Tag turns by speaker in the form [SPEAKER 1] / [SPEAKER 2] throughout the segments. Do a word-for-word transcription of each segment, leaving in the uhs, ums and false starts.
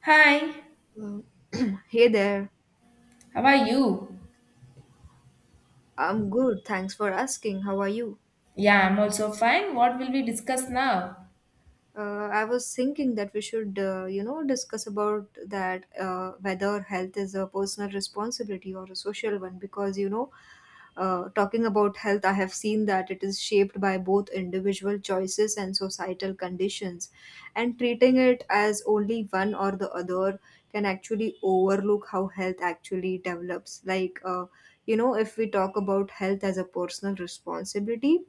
[SPEAKER 1] Hi,
[SPEAKER 2] Well, hey there.
[SPEAKER 1] how are you?
[SPEAKER 2] I'm good. Thanks for asking. How are you?
[SPEAKER 1] Yeah, I'm also fine. What will we discuss now?
[SPEAKER 2] uh, I was thinking that we should, uh, you know, discuss about that uh, whether health is a personal responsibility or a social one. Because you know, uh, talking about health, I have seen that it is shaped by both individual choices and societal conditions, and treating it as only one or the other can actually overlook how health actually develops. Like, uh, you know, if we talk about health as a personal responsibility,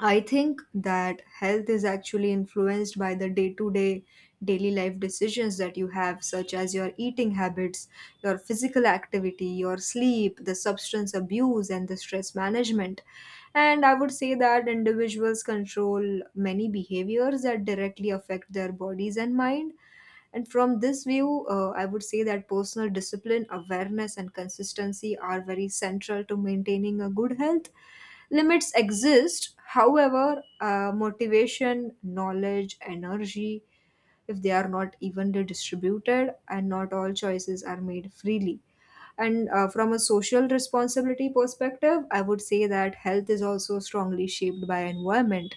[SPEAKER 2] I think that health is actually influenced by the day to day, daily life decisions that you have, such as your eating habits, your physical activity, your sleep, the substance abuse, and the stress management. And I would say that individuals control many behaviors that directly affect their bodies and mind. And from this view, uh, I would say that personal discipline, awareness, and consistency are very central to maintaining a good health. Limits exist, however, uh, motivation, knowledge, energy, if they are not evenly distributed and not all choices are made freely. And uh, from a social responsibility perspective, I would say that health is also strongly shaped by environment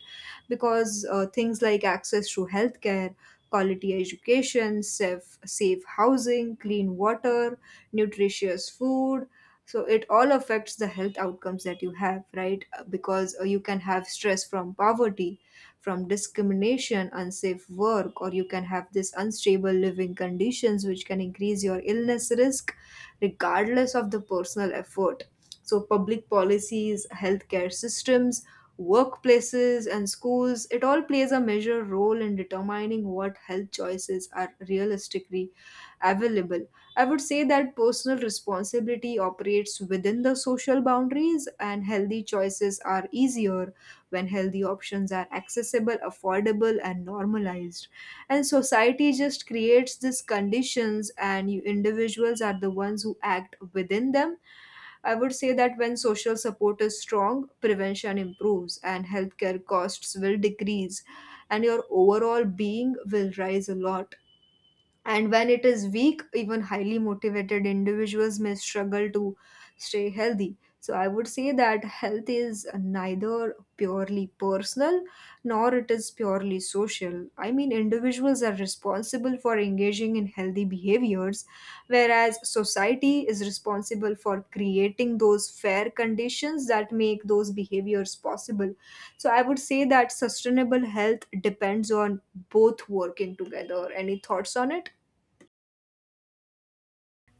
[SPEAKER 2] because uh, things like access to healthcare, quality education, safe, safe housing, clean water, nutritious food. So it all affects the health outcomes that you have, right? Uh, Because uh, you can have stress from poverty, from discrimination, unsafe work, or you can have this unstable living conditions which can increase your illness risk regardless of the personal effort. So, public policies, healthcare systems, workplaces, and schools, it all plays a major role in determining what health choices are realistically available. I would say that personal responsibility operates within the social boundaries, and healthy choices are easier when healthy options are accessible, affordable, and normalized, and society just creates these conditions and you individuals are the ones who act within them. I would say that when social support is strong, prevention improves and healthcare costs will decrease and your overall being will rise a lot, and when it is weak, even highly motivated individuals may struggle to stay healthy. So I would say that health is neither purely personal nor it is purely social. I mean, individuals are responsible for engaging in healthy behaviors, whereas society is responsible for creating those fair conditions that make those behaviors possible. So I would say that sustainable health depends on both working together. Any thoughts on it?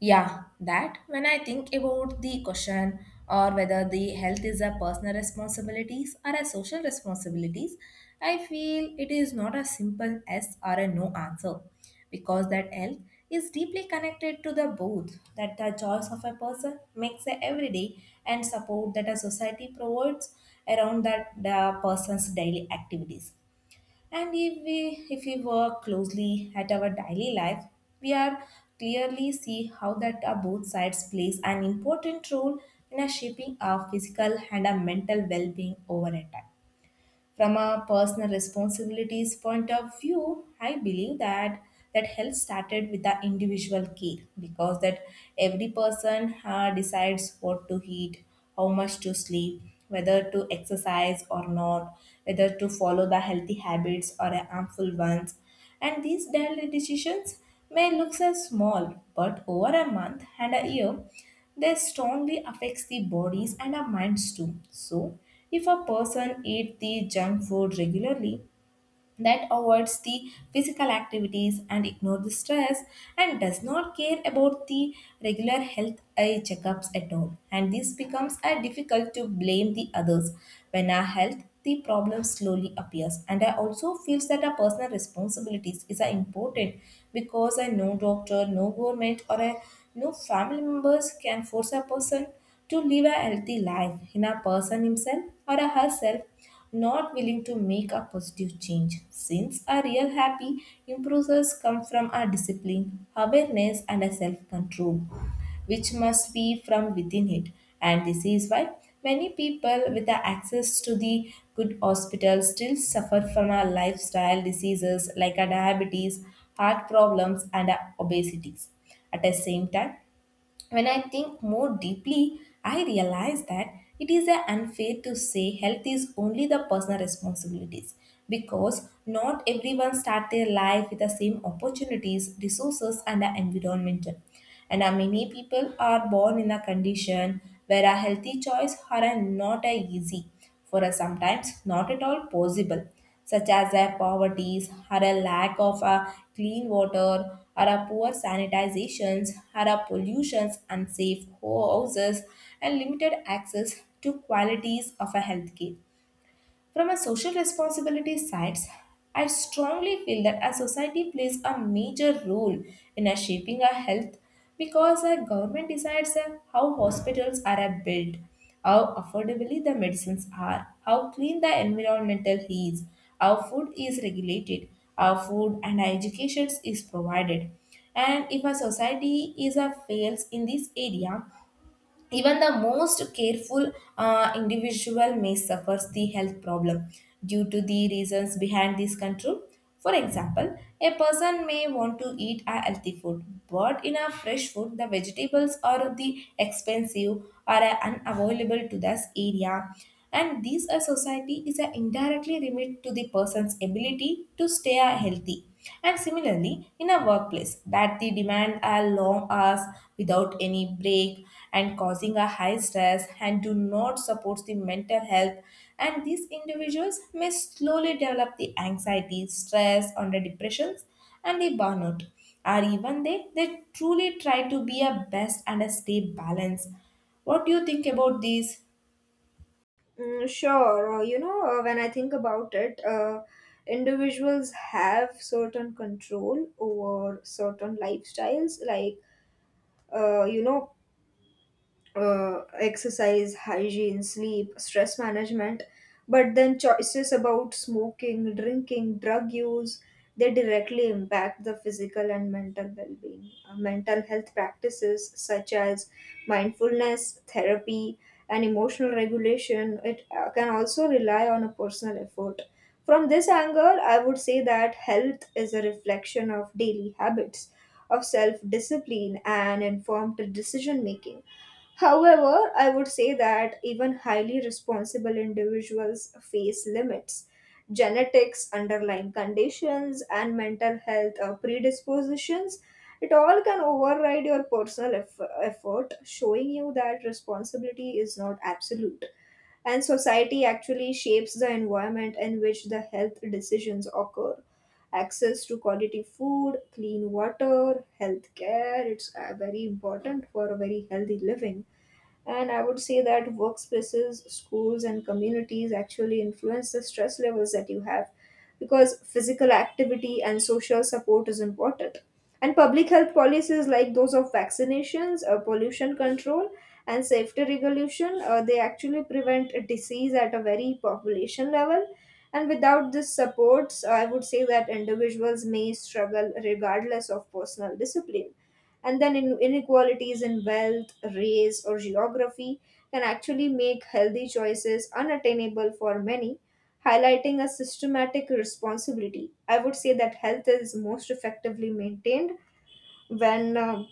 [SPEAKER 1] Yeah, that when I think about the question or whether the health is a personal responsibilities or a social responsibilities, I feel it is not a simple yes or a no answer, because that health is deeply connected to the both that the choice of a person makes a every day and support that a society provides around that the person's daily activities. And if we if we work closely at our daily life, we are clearly see how that uh, both sides plays an important role in a shaping our physical and our mental well-being over a time. From a personal responsibilities point of view, I believe that that health started with the individual care, because that every person uh, decides what to eat, how much to sleep, whether to exercise or not, whether to follow the healthy habits or harmful ones, and these daily decisions may look as small, but over a month and a year, they strongly affects the bodies and our minds too. So, if a person eat the junk food regularly, that avoids the physical activities and ignores the stress, and does not care about the regular health eye checkups at all, and this becomes a difficult to blame the others when our health the problem slowly appears. And I also feels that our personal responsibilities is are important, because a no doctor, no government, or a no family members can force a person to live a healthy life in a person himself or a herself not willing to make a positive change, since a real happy improvers come from a discipline, awareness, and a self-control, which must be from within it. And this is why many people with the access to the good hospitals still suffer from our lifestyle diseases like a diabetes, heart problems, and a obesities. At the same time, when I think more deeply, I realize that it is a unfair to say health is only the personal responsibilities, because not everyone start their life with the same opportunities, resources, and the environmental. And uh, many people are born in a condition where a healthy choice are uh, not uh, easy, for a sometimes not at all possible, such as a poverty or a lack of a clean water or a poor sanitizations or a pollutions, unsafe houses, and limited access to qualities of a healthcare. From a social responsibility side, I strongly feel that a society plays a major role in a shaping our health, because our government decides uh, how hospitals are uh, built, how affordably the medicines are, how clean the environmental is, how food is regulated, how food and education is provided. And if a society is a fails in this area, even the most careful uh, individual may suffer the health problem due to the reasons behind this control. For example, a person may want to eat a healthy food, but in a fresh food, the vegetables are the expensive or are unavailable to this area. And this a society is a indirectly limit to the person's ability to stay uh, healthy. And similarly, in a workplace that the demand are long hours without any break and causing a high stress and do not support the mental health, and these individuals may slowly develop the anxiety, stress, under depressions, and the burnout. Or even they they truly try to be a best and a stay balance. What do you think about these?
[SPEAKER 2] Mm, sure. Uh, you know, uh, when I think about it, uh, individuals have certain control over certain lifestyles. Like, uh, you know, uh, Exercise, hygiene, sleep, stress management, but then choices about smoking, drinking, drug use, they directly impact the physical and mental well-being. Uh, mental health practices such as mindfulness, therapy, and emotional regulation, it uh, can also rely on a personal effort. From this angle, I would say that health is a reflection of daily habits, of self discipline, and informed decision making. However, I would say that even highly responsible individuals face limits. Genetics, underlying conditions, and mental health uh, predispositions, it all can override your personal eff- effort, showing you that responsibility is not absolute. And society actually shapes the environment in which the health decisions occur. Access to quality food, clean water, health care, it's uh, very important for a very healthy living. And I would say that workspaces, schools, and communities actually influence the stress levels that you have because physical activity and social support is important. And public health policies like those of vaccinations, uh, pollution control, and safety regulation, uh, they actually prevent a disease at a very population level. And without this supports, I would say that individuals may struggle regardless of personal discipline, and then in inequalities in wealth, race, or geography can actually make healthy choices unattainable for many, highlighting a systematic responsibility. I would say that health is most effectively maintained when uh,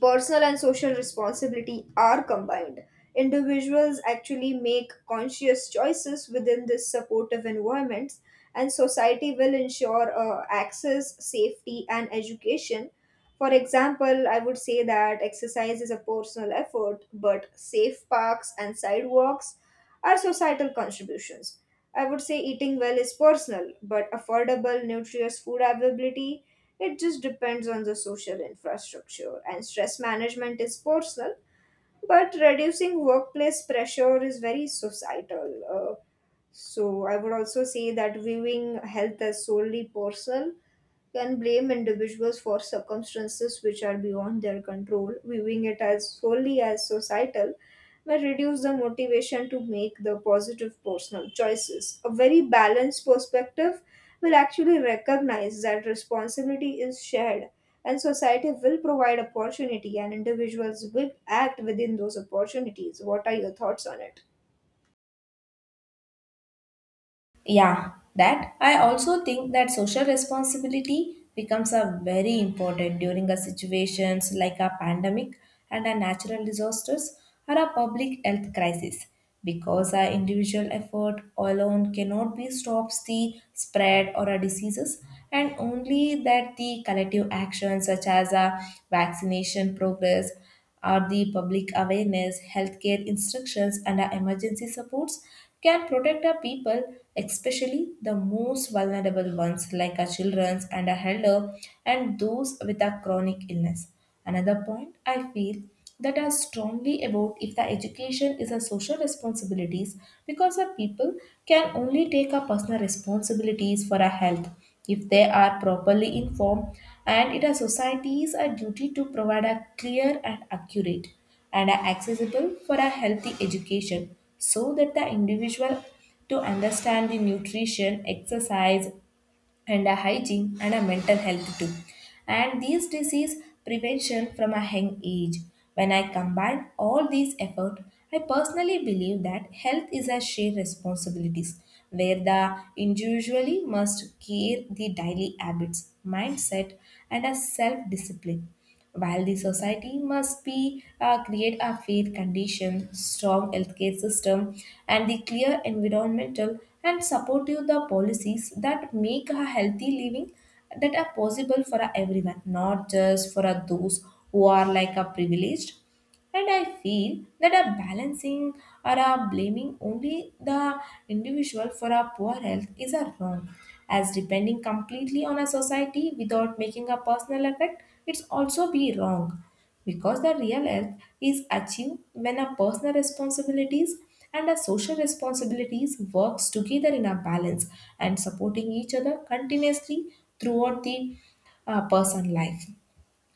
[SPEAKER 2] personal and social responsibility are combined. Individuals actually make conscious choices within this supportive environment, and society will ensure uh, access, safety, and education. For example, I would say that exercise is a personal effort, but safe parks and sidewalks are societal contributions. I would say eating well is personal, but affordable, nutritious food availability it just depends on the social infrastructure, and stress management is personal, but reducing workplace pressure is very societal. Uh, so, I would also say that viewing health as solely personal can blame individuals for circumstances which are beyond their control. Viewing it as solely as societal may reduce the motivation to make the positive personal choices. A very balanced perspective will actually recognize that responsibility is shared and society will provide opportunity and individuals will act within those opportunities. What are your thoughts on it?
[SPEAKER 1] Yeah, that I also think that social responsibility becomes a very important during a situations like a pandemic and a natural disasters or a public health crisis, because our individual effort alone cannot be stops the spread or a diseases, and only that the collective action such as a vaccination progress or the public awareness, healthcare instructions, and our emergency supports can protect our people, especially the most vulnerable ones like our children and our elder and those with a chronic illness. Another point I feel that are strongly about if the education is a social responsibilities, because the people can only take a personal responsibilities for a health if they are properly informed, and it is society's a duty to provide a clear and accurate and are accessible for a healthy education so that the individual to understand the nutrition exercise and a hygiene and a mental health too. And these disease prevention from a young age. When I combine all these efforts, I personally believe that health is a shared responsibilities, where the individually must care the daily habits, mindset, and a self-discipline. While the society must be uh, create a fair condition, strong healthcare system, and the clear environmental and supportive the policies that make a healthy living that are possible for a everyone, not just for a those who are like a privileged. And I feel that a balancing or a blaming only the individual for our poor health is a wrong, as depending completely on a society without making a personal effect, it's also be wrong, because the real health is achieved when our personal responsibilities and our social responsibilities works together in a balance and supporting each other continuously throughout the uh, person life.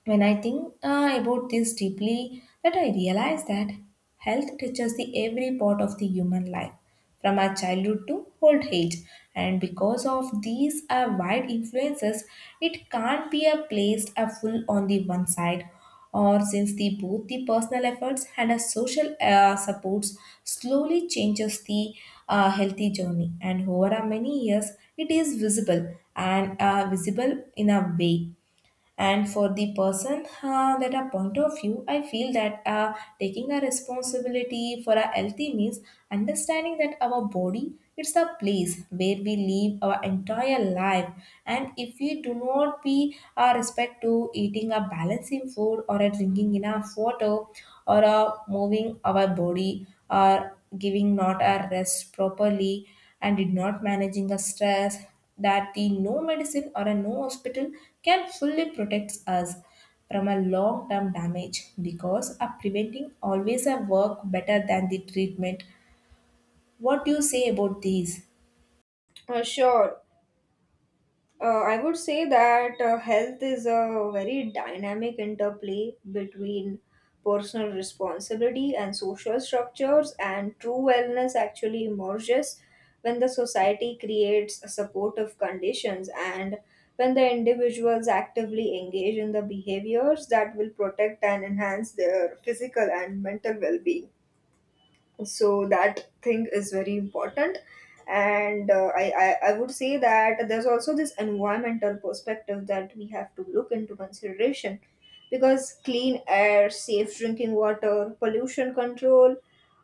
[SPEAKER 1] When I think uh, about this deeply, that I realize that health touches the every part of the human life, from our childhood to old age. And because of these uh, wide influences, it can't be a placed a full on the one side. Or since the both the personal efforts and a social uh, supports slowly changes the uh, healthy journey, and over a many years, it is visible and uh, visible in a way, and for the person uh, that a point of view, I feel that uh, taking a responsibility for our healthy means understanding that our body it's a place where we live our entire life. And if we do not be uh, respect to eating a balancing food or a drinking enough water or uh, moving our body or giving not a rest properly and did not managing the stress, that the no medicine or a no hospital can fully protect us from a long term damage, because a preventing always a work better than the treatment. What do you say about these?
[SPEAKER 2] Uh, sure. Uh, I would say that uh, health is a very dynamic interplay between personal responsibility and social structures, and true wellness actually emerges when the society creates supportive conditions and when the individuals actively engage in the behaviors that will protect and enhance their physical and mental well being. So that thing is very important. And uh, I, I i would say that there's also this environmental perspective that we have to look into consideration because clean air, safe drinking water, pollution control,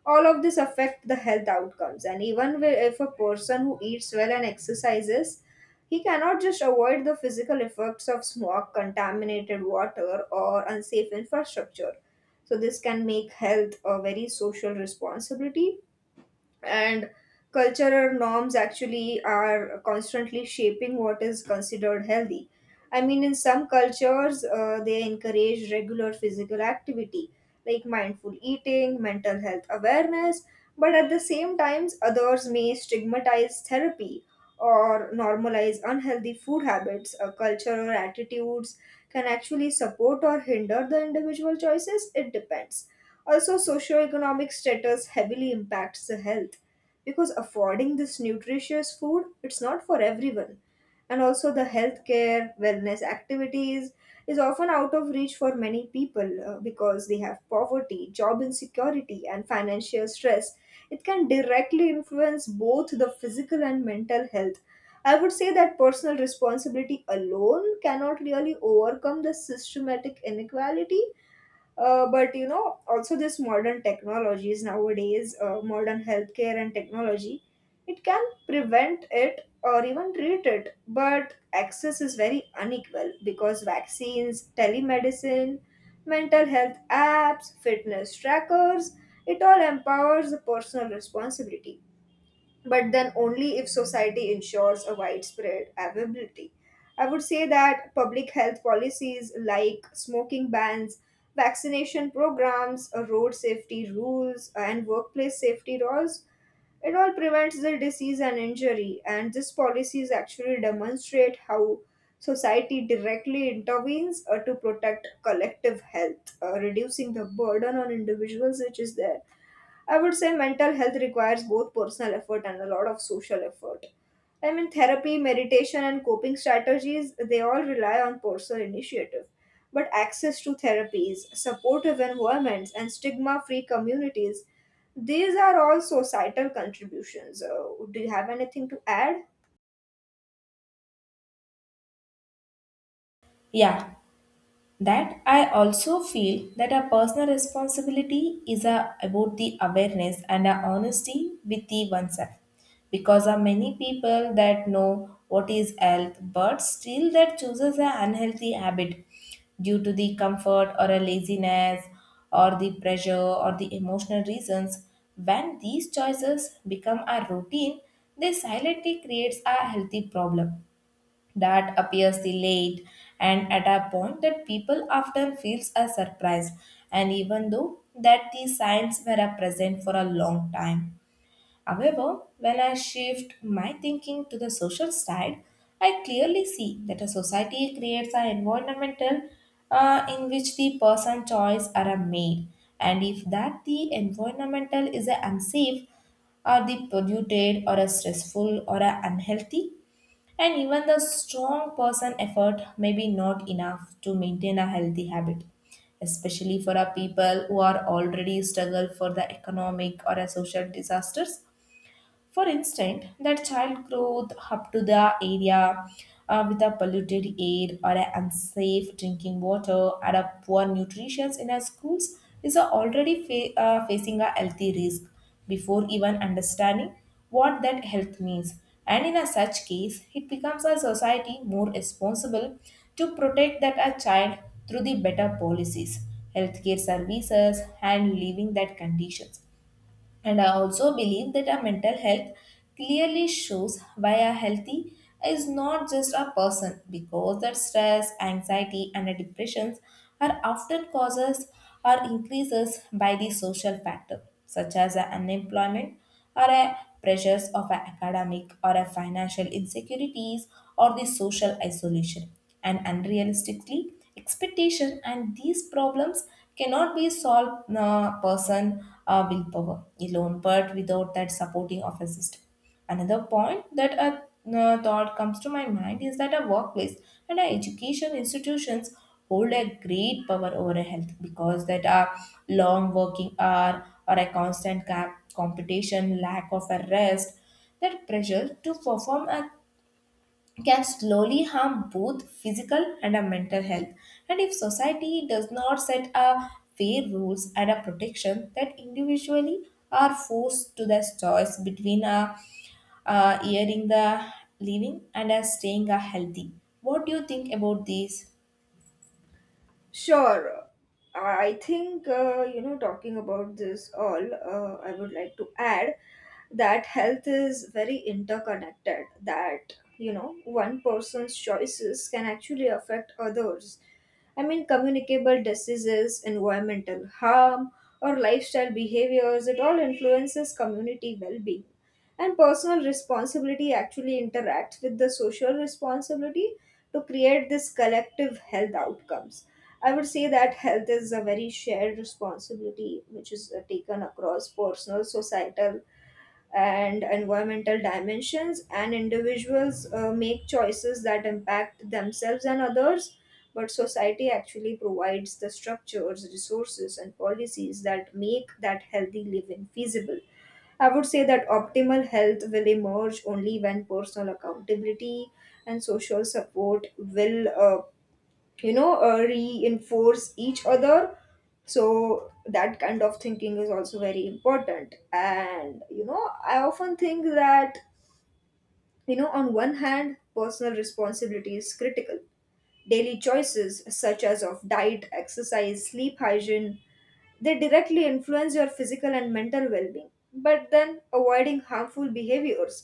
[SPEAKER 2] all of this affect the health outcomes, and even wi- if a person who eats well and exercises, he cannot just avoid the physical effects of smog, contaminated water, or unsafe infrastructure. So this can make health a very social responsibility. And cultural norms actually are constantly shaping what is considered healthy. I mean, in some cultures, uh, they encourage regular physical activity like mindful eating, mental health awareness, but at the same times, others may stigmatize therapy or normalize unhealthy food habits. A culture or attitudes can actually support or hinder the individual choices, it depends. Also, socioeconomic status heavily impacts the health because affording this nutritious food it's not for everyone. And also the healthcare, wellness activities is often out of reach for many people uh, because they have poverty, job insecurity and financial stress. It can directly influence both the physical and mental health. I would say that personal responsibility alone cannot really overcome the systematic inequality. Uh, but you know, also this modern technologies nowadays, uh, modern healthcare and technology, it can prevent it or even treat it. But access is very unequal because vaccines, telemedicine, mental health apps, fitness trackers, it all empowers the personal responsibility, but then only if society ensures a widespread availability. I would say that public health policies like smoking bans, vaccination programs, uh, road safety rules, and workplace safety laws, it all prevents the disease and injury. And these policies actually demonstrate how society directly intervenes uh, to protect collective health, uh, reducing the burden on individuals which is there. I would say mental health requires both personal effort and a lot of social effort. I mean, therapy, meditation, and coping strategies, they all rely on personal initiative. But access to therapies, supportive environments, and stigma free communities, these are all societal contributions. Uh, do you have anything to add?
[SPEAKER 1] Yeah, that I also feel that our personal responsibility is a, about the awareness and our honesty with the oneself, because there are many people that know what is health but still that chooses an unhealthy habit due to the comfort or a laziness or the pressure or the emotional reasons. When these choices become a routine, they silently creates a healthy problem that appears the late, and at a point that people often feels are surprised, and even though that these signs were a present for a long time. However, when I shift my thinking to the social side, I clearly see that a society creates an environmental uh, in which the person choice are made, and if that the environmental is a unsafe or the polluted or a stressful or a unhealthy, and even the strong person effort may be not enough to maintain a healthy habit, especially for our people who are already struggle for the economic or a social disasters. For instance, that child growth up to the area uh, with a polluted air or a unsafe drinking water and a poor nutrition in our schools is a already fa- uh, facing a healthy risk before even understanding what that health means. And in a such case, it becomes a society more responsible to protect that a child through the better policies, healthcare services, and leaving that conditions. And I also believe that our mental health clearly shows why a healthy is not just a person, because that stress, anxiety, and depressions are often causes or increases by the social factor such as a unemployment or a pressures of a academic or a financial insecurities or the social isolation and unrealistically expectation, and these problems cannot be solved uh, person uh, willpower alone, but without that supporting office system. Another point that a uh, thought comes to my mind is that a workplace and a education institutions hold a great power over a health, because that a long working hour or a constant cap competition, lack of a rest, that pressure to perform a can slowly harm both physical and our mental health. And if society does not set a fair rules and a protection that individually are forced to the choice between a uh, eating the living and a staying a healthy. What do you think about this?
[SPEAKER 2] Sure. I think, uh, you know, talking about this all, uh, I would like to add that health is very interconnected, that you know one person's choices can actually affect others. I mean, communicable diseases, environmental harm, or lifestyle behaviors, it all influences community well-being, and personal responsibility actually interacts with the social responsibility to create this collective health outcomes. I would say that health is a very shared responsibility, which is uh, taken across personal, societal, and environmental dimensions, and individuals uh, make choices that impact themselves and others, but society actually provides the structures, resources, and policies that make that healthy living feasible. I would say that optimal health will emerge only when personal accountability and social support will uh, you know uh, reinforce each other. So that kind of thinking is also very important. And you know, I often think that, you know, on one hand, personal responsibility is critical. Daily choices such as of diet, exercise, sleep, hygiene, they directly influence your physical and mental well-being, but then avoiding harmful behaviors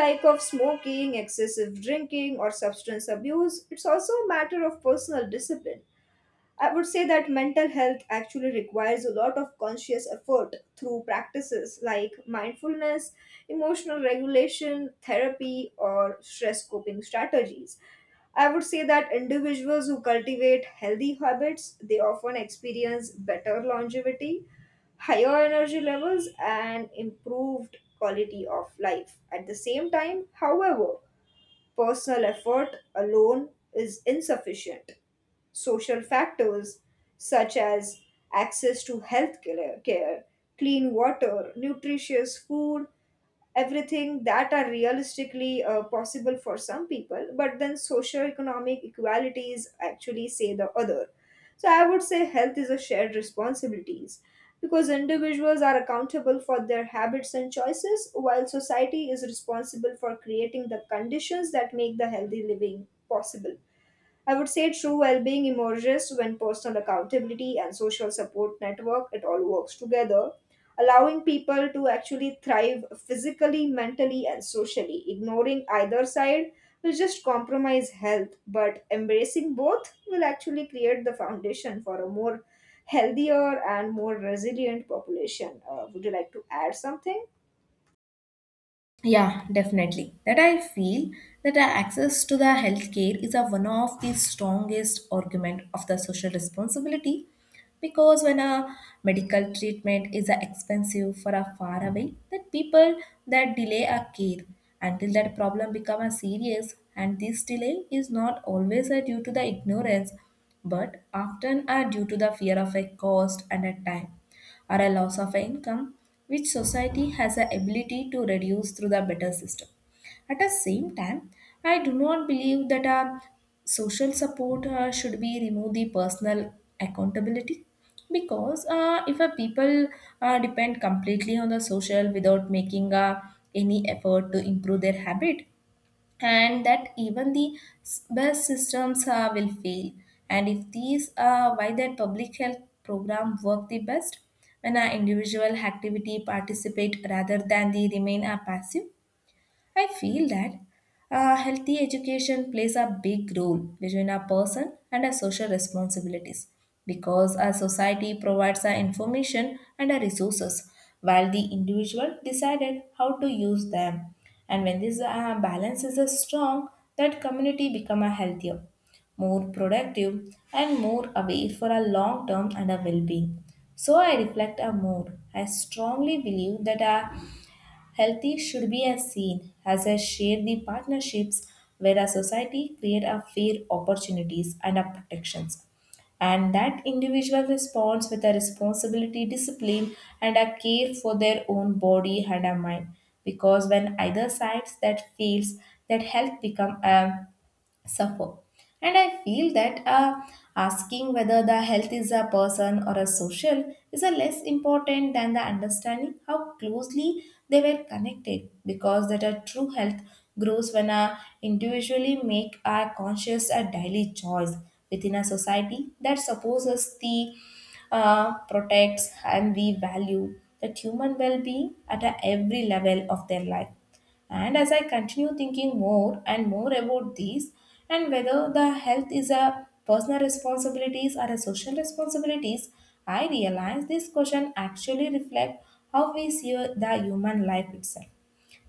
[SPEAKER 2] like of smoking, excessive drinking, or substance abuse, it's also a matter of personal discipline. I would say that mental health actually requires a lot of conscious effort through practices like mindfulness, emotional regulation, therapy, or stress coping strategies. I would say that individuals who cultivate healthy habits, they often experience better longevity, higher energy levels, and improved quality of life. At the same time, however, personal effort alone is insufficient. Social factors such as access to health care, care, clean water, nutritious food, everything that are realistically uh, possible for some people, but then socioeconomic equalities actually say the other. So I would say health is a shared responsibilities because individuals are accountable for their habits and choices, while society is responsible for creating the conditions that make the healthy living possible. I would say true well being emerges when personal accountability and social support network it all works together, allowing people to actually thrive physically, mentally, and socially. Ignoring either side will just compromise health, but embracing both will actually create the foundation for a more healthier and more resilient population. Uh, would you like to add something?
[SPEAKER 1] Yeah, definitely. That I feel that the access to the healthcare is a one of the strongest argument of the social responsibility because when a medical treatment is a expensive for a far away, that people that delay a care until that problem become a serious and this delay is not always a due to the ignorance but often are due to the fear of a cost and a time or a loss of income, which society has the ability to reduce through the better system. At the same time, I do not believe that a social support uh, should be remove the personal accountability because uh, if a people uh, depend completely on the social without making uh, any effort to improve their habit and that even the s- best systems uh, will fail. And if these are why that public health program work the best when an individual activity participate rather than they remain a passive. I feel that uh, healthy education plays a big role between a person and a social responsibilities because a society provides a information and a resources while the individual decided how to use them, and when this uh, balance is uh, strong, that community become a healthier, more productive and more away for a long term and a well-being. so i reflect a more I strongly believe that a healthy should be as seen as a share the partnerships where a society create a fair opportunities and a protections. And that individual responds with a responsibility, discipline, and a care for their own body and a mind. Because when either sides that fails, that health become a suffer. And I feel that uh, asking whether the health is a person or a social is a less important than the understanding how closely they were connected, because that a true health grows when a individually make a conscious a daily choice within a society that supposes the uh, protects and we value that human well-being at a every level of their life. And as I continue thinking more and more about these and whether the health is a personal responsibilities or a social responsibilities, I realize this question actually reflect how we see the human life itself,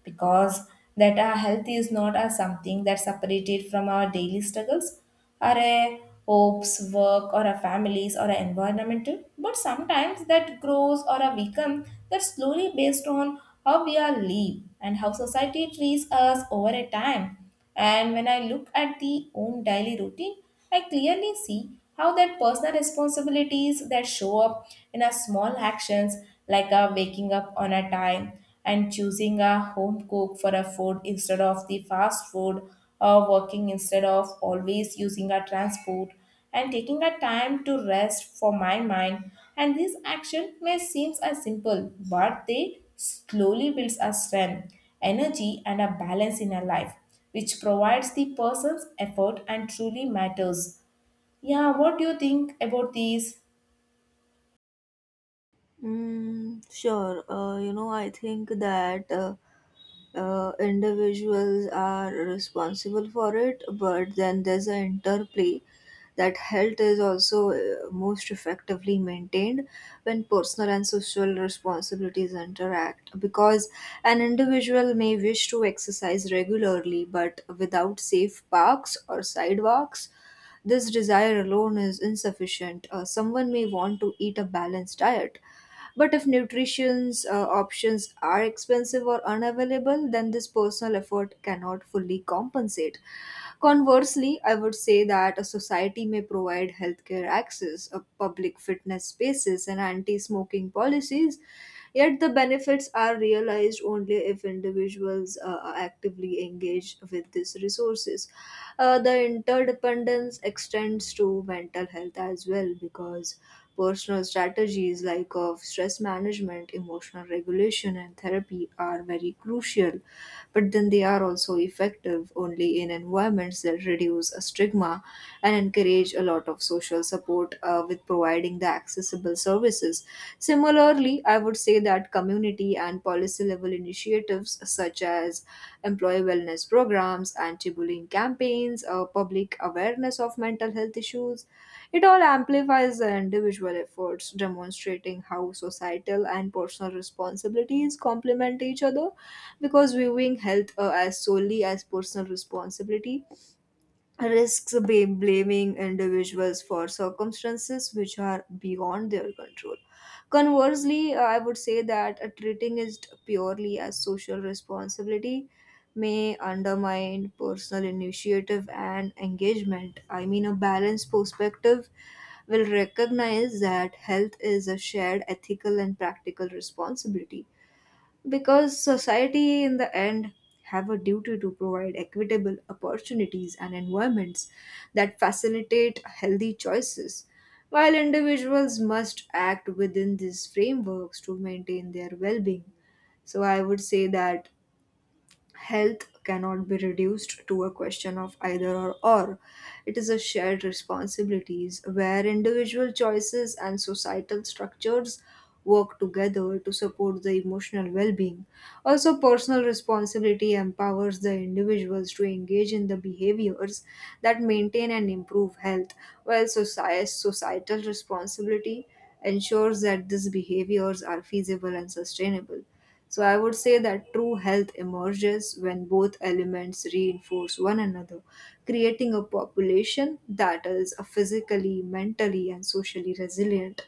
[SPEAKER 1] because that our health is not a something that's separated from our daily struggles or a hopes, work, or our families or our environmental, but sometimes that grows or a become that slowly based on how we are live and how society treats us over a time. And when I look at the own daily routine, I clearly see how that personal responsibilities that show up in our small actions, like our waking up on a time and choosing a home cook for a food instead of the fast food or working instead of always using our transport and taking a time to rest for my mind. And this action may seem as simple but they slowly builds a strength, energy and a balance in a life, which provides the person's effort and truly matters. Yeah, what do you think about these?
[SPEAKER 2] Mm, sure. Uh, you know, I think that. Uh, uh, individuals are responsible for it, but then there's an interplay that health is also uh, most effectively maintained when personal and social responsibilities interact. Because an individual may wish to exercise regularly, but without safe parks or sidewalks, this desire alone is insufficient. Uh, someone may want to eat a balanced diet, but if nutrition's uh, options are expensive or unavailable, then this personal effort cannot fully compensate. Conversely, I would say that a society may provide healthcare access, a public fitness spaces, and anti-smoking policies, yet the benefits are realized only if individuals uh, are actively engaged with these resources. Uh, the interdependence extends to mental health as well, because personal strategies like of stress management, emotional regulation, and therapy are very crucial, but then they are also effective only in environments that reduce a stigma and encourage a lot of social support, uh, with providing the accessible services. Similarly, I would I would say that community and policy level initiatives such as employee wellness programs, anti bullying campaigns, uh, public awareness of mental health issues, it all amplifies the individual efforts, demonstrating how societal and personal responsibilities complement each other, because viewing health uh, as solely as personal responsibility risks ba- blaming individuals for circumstances which are beyond their control. Conversely, I would say that uh, treating it purely as social responsibility may undermine personal initiative and engagement. I mean, a balanced perspective will recognize that health is a shared ethical and practical responsibility, because society in the end have a duty to provide equitable opportunities and environments that facilitate healthy choices, while individuals must act within these frameworks to maintain their well-being. So I would say that health cannot be reduced to a question of either or or. It is a shared responsibilities where individual choices and societal structures work together to support the emotional well-being. Also, personal responsibility empowers the individuals to engage in the behaviors that maintain and improve health, while socie- societal responsibility ensures that these behaviors are feasible and sustainable. So I would say that true health emerges when both elements reinforce one another, creating a population that is a physically, mentally, and socially resilient.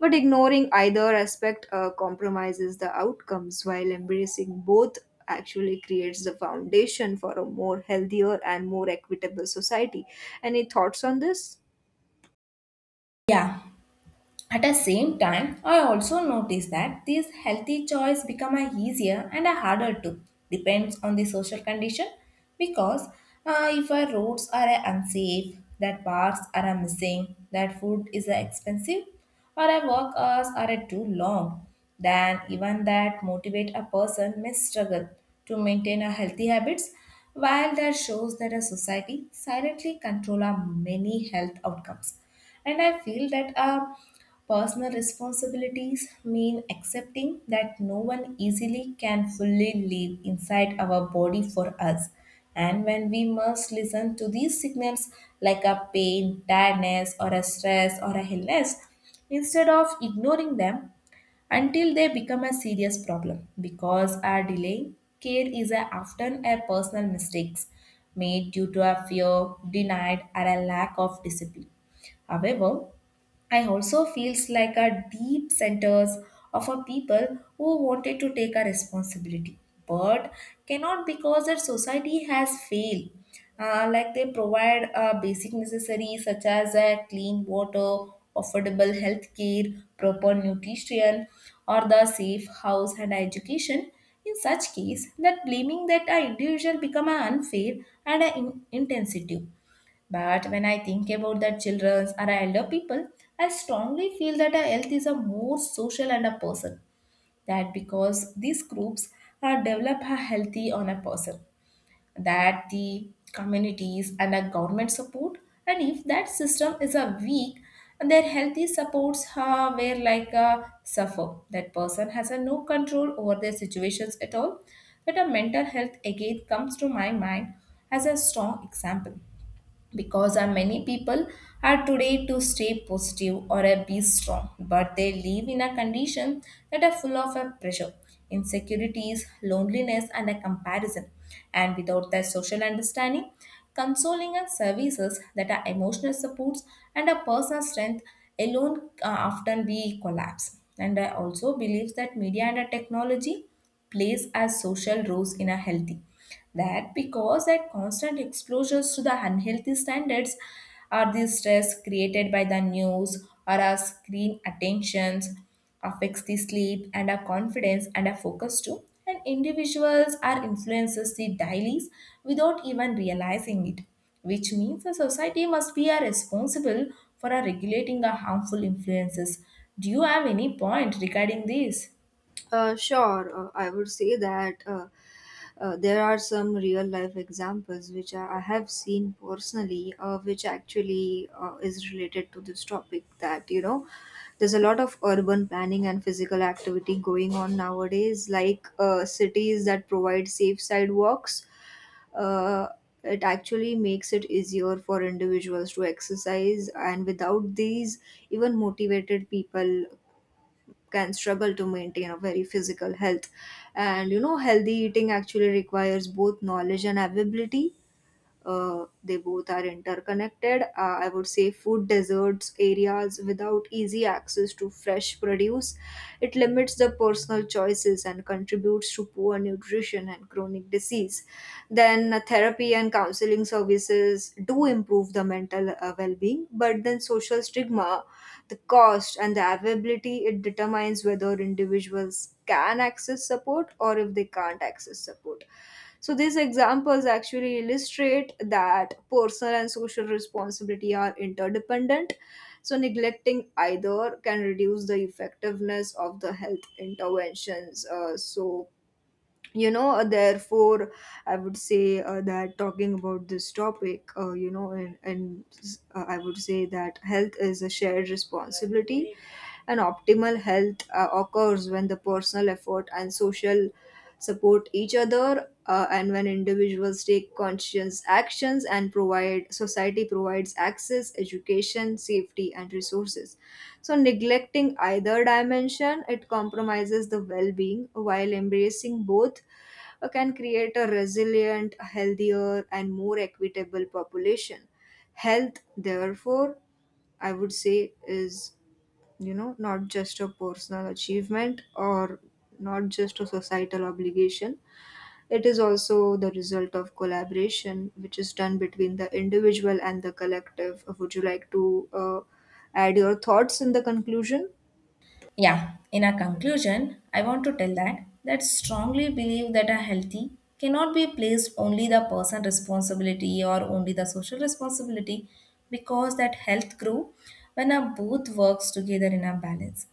[SPEAKER 2] But ignoring either aspect uh, compromises the outcomes, while embracing both actually creates the foundation for a more healthier and more equitable society. Any thoughts on this?
[SPEAKER 1] Yeah. At the same time, I also notice that these healthy choice become a easier and a harder to depends on the social condition because uh, if our roads are uh, unsafe, that parks are uh, missing, that food is uh, expensive, or our work hours are uh, too long, then even that motivate a person may struggle to maintain a healthy habits, while that shows that a society silently control our many health outcomes. And I feel that our personal responsibilities mean accepting that no one easily can fully live inside our body for us. And when we must listen to these signals like a pain, tiredness, or a stress or a illness, instead of ignoring them, until they become a serious problem because our delay care is a- often a personal mistakes made due to a fear, denied or a lack of discipline. However, I also feels like a deep centers of a people who wanted to take a responsibility but cannot because their society has failed. Uh, like they provide uh, basic necessities such as uh, clean water, affordable health care, proper nutrition, or the safe house and education. In such case, that blaming that an individual become a unfair and an in- insensitive. But when I think about the children or elder people, I strongly feel that a health is a more social and a person. That because these groups are develop a healthy on a person. That the communities and a government support. And if that system is a weak, their healthy supports are where like a suffer. That person has a no control over their situations at all. That a mental health again comes to my mind as a strong example because uh, many people are today to stay positive or uh, be strong, but they live in a condition that are full of uh, pressure, insecurities, loneliness, and a comparison. And without that social understanding, consoling and services that are emotional supports and a personal strength alone uh, often be collapse. And I also believe that media and uh, technology plays as social roles in a healthy, that because that constant exposures to the unhealthy standards are the stress created by the news or our screen attentions affects the sleep and our confidence and our focus too, and individuals are influences the dailies without even realizing it, which means the society must be a responsible for a regulating the harmful influences. Do you have any point regarding this?
[SPEAKER 2] Uh, sure, uh, I would say that uh, uh, there are some real life examples which I I have seen personally, uh, which actually uh, is related to this topic. That you know, there's a lot of urban planning and physical activity going on nowadays, like uh, cities that provide safe sidewalks. Uh, it actually makes it easier for individuals to exercise, and without these, even motivated people can struggle to maintain a very physical health. And you know, healthy eating actually requires both knowledge and availability, uh, they both are interconnected. Uh, I would say food deserts areas without easy access to fresh produce. It limits the personal choices and contributes to poor nutrition and chronic disease. Then uh, therapy and counseling services do improve the mental uh, well-being, but then social stigma, the cost and the availability, it determines whether individuals can access support or if they can't access support. So these examples actually illustrate that personal and social responsibility are interdependent. So neglecting either can reduce the effectiveness of the health interventions. Uh, so you know, uh, therefore, I would say uh, that talking about this topic, uh, you know, and, and uh, I would say that health is a shared responsibility and optimal health uh, occurs when the personal effort and social support each other, uh, and when individuals take conscious actions and provide society provides access education safety and resources. So neglecting either dimension it compromises the well-being, while embracing both uh, can create a resilient healthier and more equitable population. Health therefore, I would say is, you know, not just a personal achievement or not just a societal obligation. It is also the result of collaboration which is done between the individual and the collective. Would you like to uh, add your thoughts in the conclusion?
[SPEAKER 1] Yeah, in a conclusion, I want to tell that that strongly believe that a healthy cannot be placed only the person responsibility or only the social responsibility because that health grow when a both works together in a balance,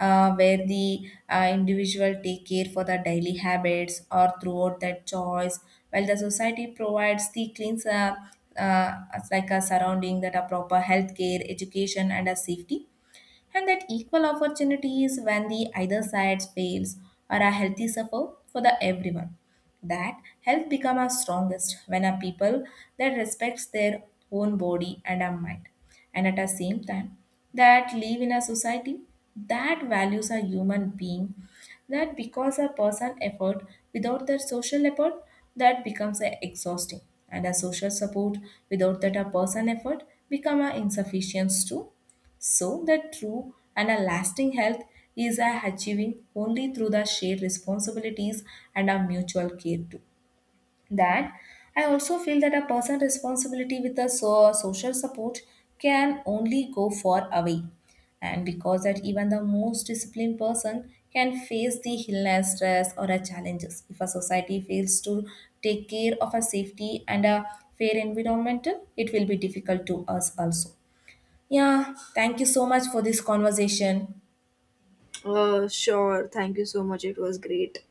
[SPEAKER 1] uh, where the uh, individual take care for the daily habits or throughout that choice, while the society provides the cleans uh, uh, as like a surrounding that a proper health care education and a safety and that equal opportunities. When the either side fails or a healthy suffer for the everyone, that health become our strongest when a people that respects their own body and our mind and at the same time that live in a society that values a human being. That because a person effort without that social effort that becomes a exhausting, and a social support without that a person effort become a insufficient too. So that true and a lasting health is a achieving only through the shared responsibilities and a mutual care too. That I also feel that a person responsibility with a so- social support can only go far away. And because that even the most disciplined person can face the illness, stress, or a challenges. If a society fails to take care of a safety and a fair environment, it will be difficult to us also. Yeah, thank you so much for this conversation.
[SPEAKER 2] uh, Sure, thank you so much. It was great.